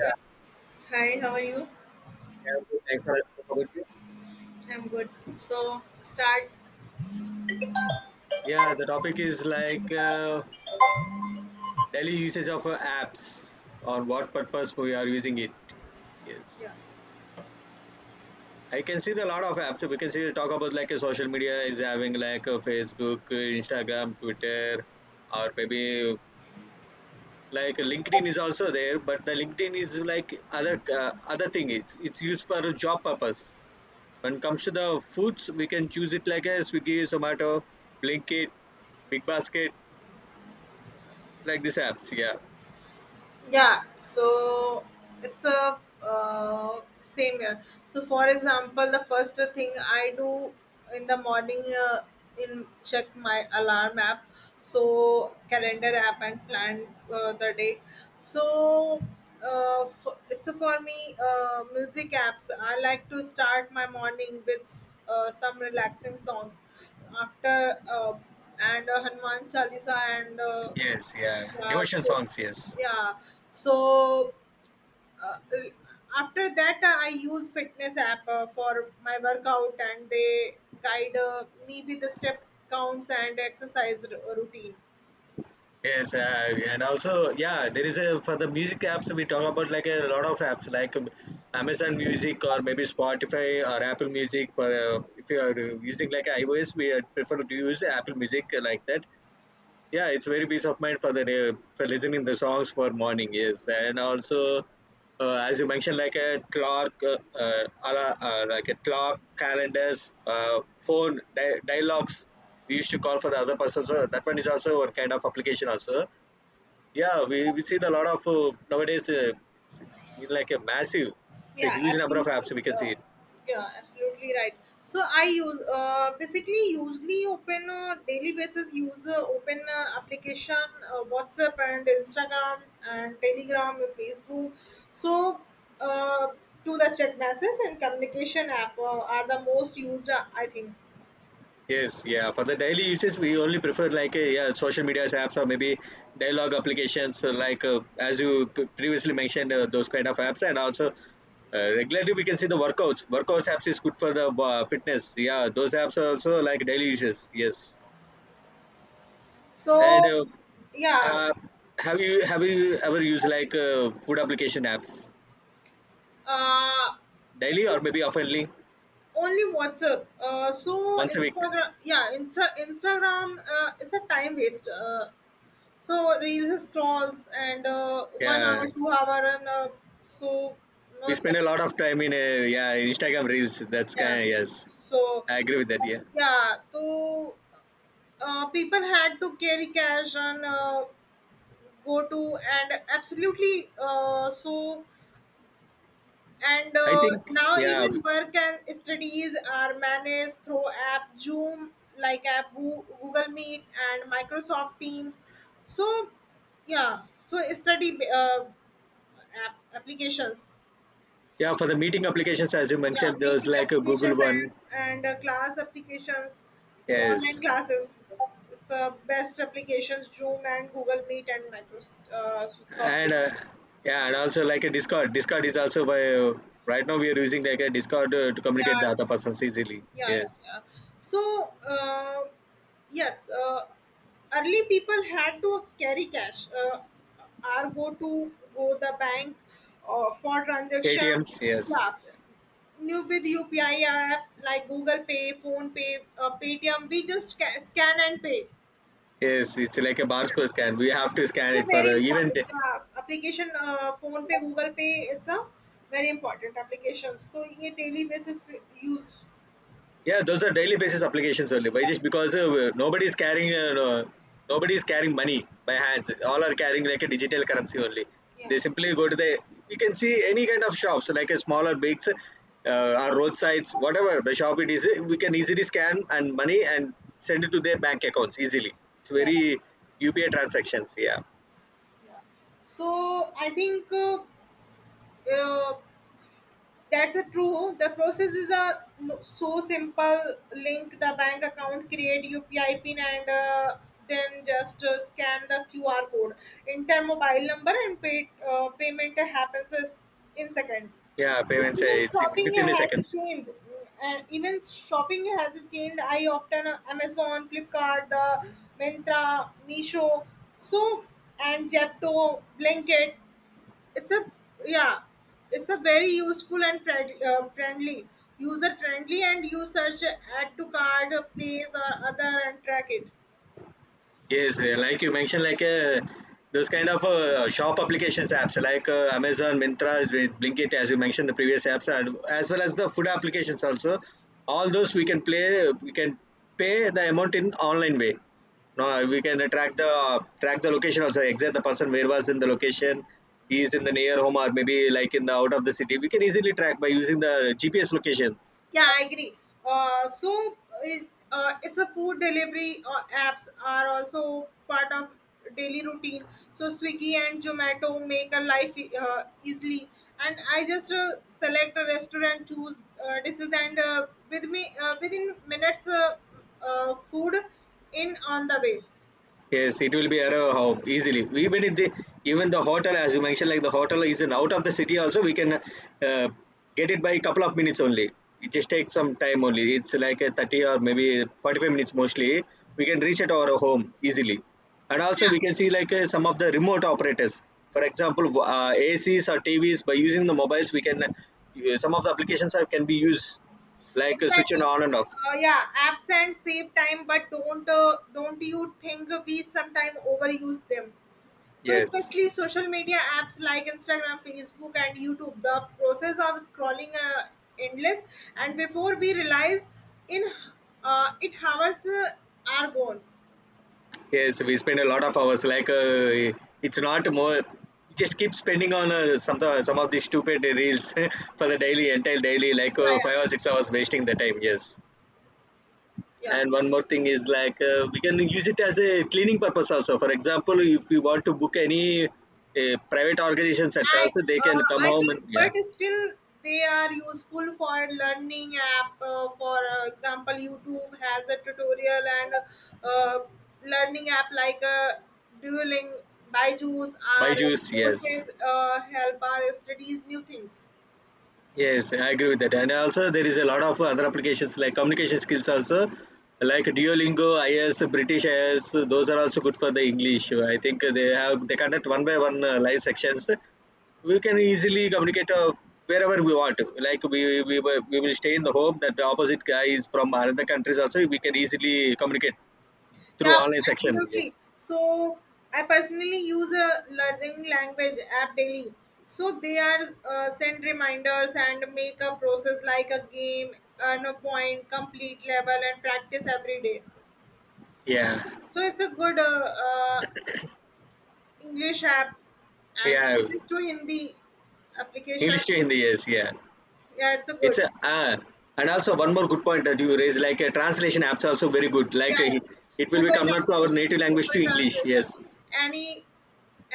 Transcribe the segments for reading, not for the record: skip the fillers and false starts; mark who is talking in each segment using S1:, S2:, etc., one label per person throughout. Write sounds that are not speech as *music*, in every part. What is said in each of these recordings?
S1: Yeah. Hi, how are you?
S2: yeah, I'm good. Thanks for asking about you.
S1: I'm good. So start.
S2: Yeah, the topic is like daily usage of apps on what purpose we are using it. Yes.
S1: Yeah.
S2: I can see the lot of apps. We can see talk about like a social media is having like a Facebook, Instagram, Twitter, or maybe like LinkedIn is also there. But the LinkedIn is like other thing. It's used for a job purpose. When it comes to the foods, we can choose it like a Swiggy, Zomato, Blinkit, Big Basket like these apps. Yeah,
S1: Yeah, so it's a same here. So, for example, the first thing I do in the morning, uh, in check my alarm app, so calendar app and plan the day. So, f- it's a for me music apps. I like to start my morning with some relaxing songs after, and Hanuman Chalisa and
S2: yes, yeah,
S1: yeah
S2: devotion
S1: so,
S2: songs, yes,
S1: yeah so uh, after that I use fitness app for my workout, and they guide me with the step counts and exercise routine.
S2: yes, and also, yeah, there is a for the music apps we talk about like a lot of apps like Amazon Music or maybe Spotify or Apple Music for if you are using like iOS, we prefer to use Apple Music like that. Yeah, it's very peace of mind for the day for listening the songs for morning. Yes, and also as you mentioned, like a clock like a clock, calendars, phone dialogues we used to call for the other person, so that one is also one kind of application also. Yeah, we see the lot of nowadays, it's been like a massive, it's a
S1: Yeah,
S2: huge number of
S1: absolutely.
S2: apps we can
S1: Yeah,
S2: see.
S1: yeah, absolutely right. So I use, basically usually open, daily basis use open application, WhatsApp and Instagram and Telegram and Facebook. So, uh, to the chat messages and communication app are the most used, I think.
S2: Yes, yeah. For the daily uses, we only prefer like yeah, social media apps or maybe dialogue applications like as you previously mentioned those kind of apps, and also regularly we can see the workouts. Workouts apps is good for the fitness. Yeah, those apps are also like daily uses. Yes, and
S1: So yeah,
S2: uh, have you ever used like food application apps
S1: uh, it's
S2: daily or maybe oftenly,
S1: only WhatsApp. So
S2: once a week?
S1: Instagram, yeah, Instagram is a time waste. So reels scrolls and, one
S2: Yeah,
S1: hour, 2 hour, and so no
S2: we spend
S1: except.
S2: a lot of time in yeah, Instagram reels. That's
S1: Yeah.
S2: kind of yes.
S1: So
S2: I agree with that. Yeah.
S1: yeah, so people had to carry cash and, go to, and absolutely, so and
S2: I think
S1: now
S2: yeah,
S1: even work and studies are managed through app Zoom, like app Google Meet and Microsoft Teams. So yeah, so study, applications.
S2: yeah. For the meeting applications, as you
S1: Yeah,
S2: mentioned, there's
S1: meeting
S2: like a Google
S1: applications, and,
S2: one.
S1: and class applications, so online
S2: Yes,
S1: classes. It's best applications Zoom and Google Meet and Microsoft, Soft
S2: and
S1: Teams.
S2: yeah, and also like a Discord. Discord is also by right now we are using like a Discord to communicate
S1: Yeah,
S2: the other persons easily.
S1: yeah, yeah,
S2: Yes,
S1: yeah. So, yes uh, early people had to carry cash, or go to, go the bank for transaction.
S2: ATMs. Yes,
S1: Yeah, new with UPI app like Google Pay, Phone Pay, Paytm, we just scan and pay.
S2: yes. It's like a
S1: Yeah,
S2: barcode scan. We have to
S1: it's
S2: scan
S1: a
S2: it for
S1: very
S2: even
S1: important application. Phone Pay, Google Pay, it's a very important applications. So, ये daily basis पे use.
S2: yeah, those are daily basis applications only. Why? Just because nobody is carrying money by hands. All are carrying like a digital currency only.
S1: Yeah.
S2: They simply go to the you can see any kind of shops like a smaller bigs, or roadsides, whatever the shop it is. We can easily scan and money and send it to their bank accounts easily. It's
S1: Yeah,
S2: very UPI transactions. Yeah,
S1: yeah. So I think, uh, that's a true. The process is a so simple. Link the bank account, create UPI pin, and then just scan the QR code, enter mobile number, and pay, payment happens in second.
S2: yeah,
S1: So
S2: payments.
S1: even
S2: It's
S1: shopping
S2: within the
S1: has
S2: seconds.
S1: changed, and even shopping has changed. I often, Amazon, Flipkart, the Myntra, Misho, so and Jepto, Blanket, it's a, yeah, it's a very useful and friendly, user friendly, and you search, add to card, place or other, and track it.
S2: Yes, like you mentioned, like those kind of shop applications apps like Amazon, Mintra, with Blinkit, as you mentioned, the previous apps, and as well as the food applications also. All those we can play, we can pay the amount in online way. No, we can track the location also, exact the person where was in the location, he is in the near home or maybe like in the out of the city. We can easily track by using the GPS locations.
S1: Yeah, I agree. uh, so it, it's a food delivery apps are also part of daily routine. So Swiggy and Zomato make a life easily, and I just select a restaurant, choose dishes, and with me, within minutes, food in on the way.
S2: Yes, it will be around how easily. Even if the even the hotel, as you mentioned, like the hotel is in out of the city, also we can uh, get it by a couple of minutes only. It just takes some time only. It's like a 30 or maybe 45 minutes mostly. We can reach at our home easily, and also
S1: Yeah,
S2: we can see like some of the remote operators. For example, ACs or TVs by using the mobiles, we can some of the applications are, can be used like switching
S1: exactly.
S2: on and off.
S1: Yeah, absent save time, but don't you think we sometimes overuse them? So
S2: Yes.
S1: especially social media apps like Instagram, Facebook, and YouTube, the process of scrolling endless, and before we realize, in, it hours are gone.
S2: Yes, we spend a lot of hours. Like it's not more. Just keep spending on some of these stupid reels *laughs* for the daily like
S1: Yeah, yeah,
S2: 5 or 6 hours wasting the time. Yes.
S1: yeah.
S2: And one more thing is like we can use it as a cleaning purpose also. For example, if you want to book any private organization
S1: I
S2: centers, they can come
S1: I
S2: home
S1: think,
S2: and yeah,
S1: but still they are useful for learning app. For example, YouTube has a tutorial and, uh, learning app like, Duoling, Byju's,
S2: buy
S1: or
S2: juice.
S1: courses
S2: Yes.
S1: help our studies new things.
S2: Yes, I agree with that. And also, there is a lot of other applications like communication skills also, like Duolingo, IELTS, British IELTS. Those are also good for the English. I think they conduct one by one live sections. We can easily communicate wherever we want. Like we will stay in the home that the opposite guy is from other countries also. We can easily communicate through
S1: Yeah,
S2: online section. Yes.
S1: absolutely. So I personally use a learning language app daily. So they are, send reminders and make a process like a game, earn a point, complete level, and practice every day.
S2: Yeah.
S1: So it's a good, English app and
S2: Yeah.
S1: English to Hindi
S2: English to
S1: applications.
S2: Hindi. Yes. Yeah.
S1: Yeah, it's a
S2: It's
S1: good.
S2: a and also one more good point that you raised, like a translation apps are also very good.
S1: Yeah,
S2: Like
S1: yeah.
S2: it will be
S1: Google
S2: convert to our
S1: translation,
S2: native language
S1: Google
S2: to English.
S1: translation,
S2: Yes,
S1: any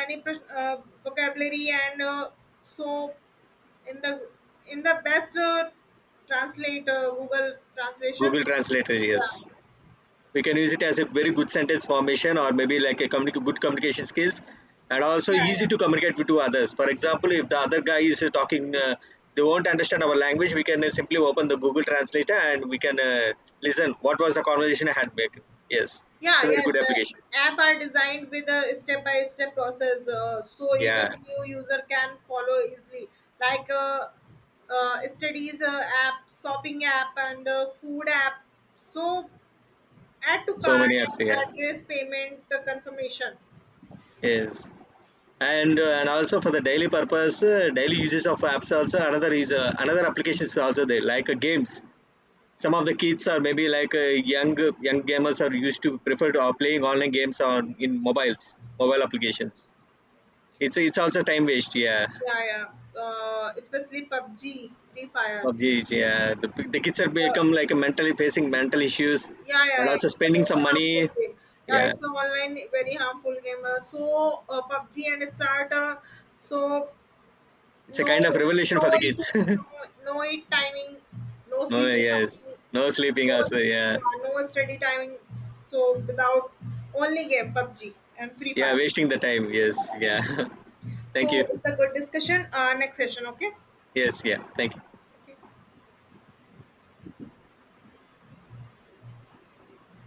S1: any vocabulary and, so in the in the best translate Google translation.
S2: Google Translator.
S1: Yeah,
S2: Yes, we can use it as a very good sentence formation or maybe like a good communication skills, and also
S1: yeah,
S2: easy
S1: yeah,
S2: to communicate with to others. For example, if the other guy is talking, they won't understand our language. We can simply open the Google Translator and we can listen what was the conversation I had back. Yes, it's
S1: yeah.
S2: a very
S1: Yes,
S2: good
S1: the
S2: application.
S1: app are designed with a step by step process, so even
S2: Yeah,
S1: new user can follow easily, like, studies app, shopping app, and food app. So, add to
S2: so many
S1: cart
S2: apps.
S1: and
S2: Yeah,
S1: address, payment confirmation.
S2: yes. And and also for the daily purpose, daily uses of apps also, another is another applications also there like games. Some of the kids are maybe like young gamers are used to prefer to playing online games on in mobile applications. It's also time waste. Yeah,
S1: Yeah, yeah, especially PUBG, Free Fire.
S2: PUBG is, yeah, the kids are
S1: Uh,
S2: become like mentally facing mental issues,
S1: Yeah, yeah,
S2: and
S1: yeah.
S2: also
S1: It's a
S2: spending
S1: very
S2: some
S1: harmful
S2: money.
S1: game. Yeah,
S2: Yeah,
S1: it's a online very harmful game. PUBG and starter. So
S2: it's a kind of
S1: no,
S2: revolution for
S1: no,
S2: the
S1: it, no,
S2: kids.
S1: no it timing, no
S2: *laughs* No,
S1: sleeping
S2: yes,
S1: timing,
S2: no sleeping
S1: no,
S2: also.
S1: s-
S2: Yeah,
S1: yeah, no study timing. So without, only game PUBG and Free
S2: yeah,
S1: Fire.
S2: wasting the time. Yes, yeah. *laughs* Thank
S1: So
S2: you.
S1: it's a good discussion. Next session, okay?
S2: Yes, yeah. Thank you.
S1: Okay.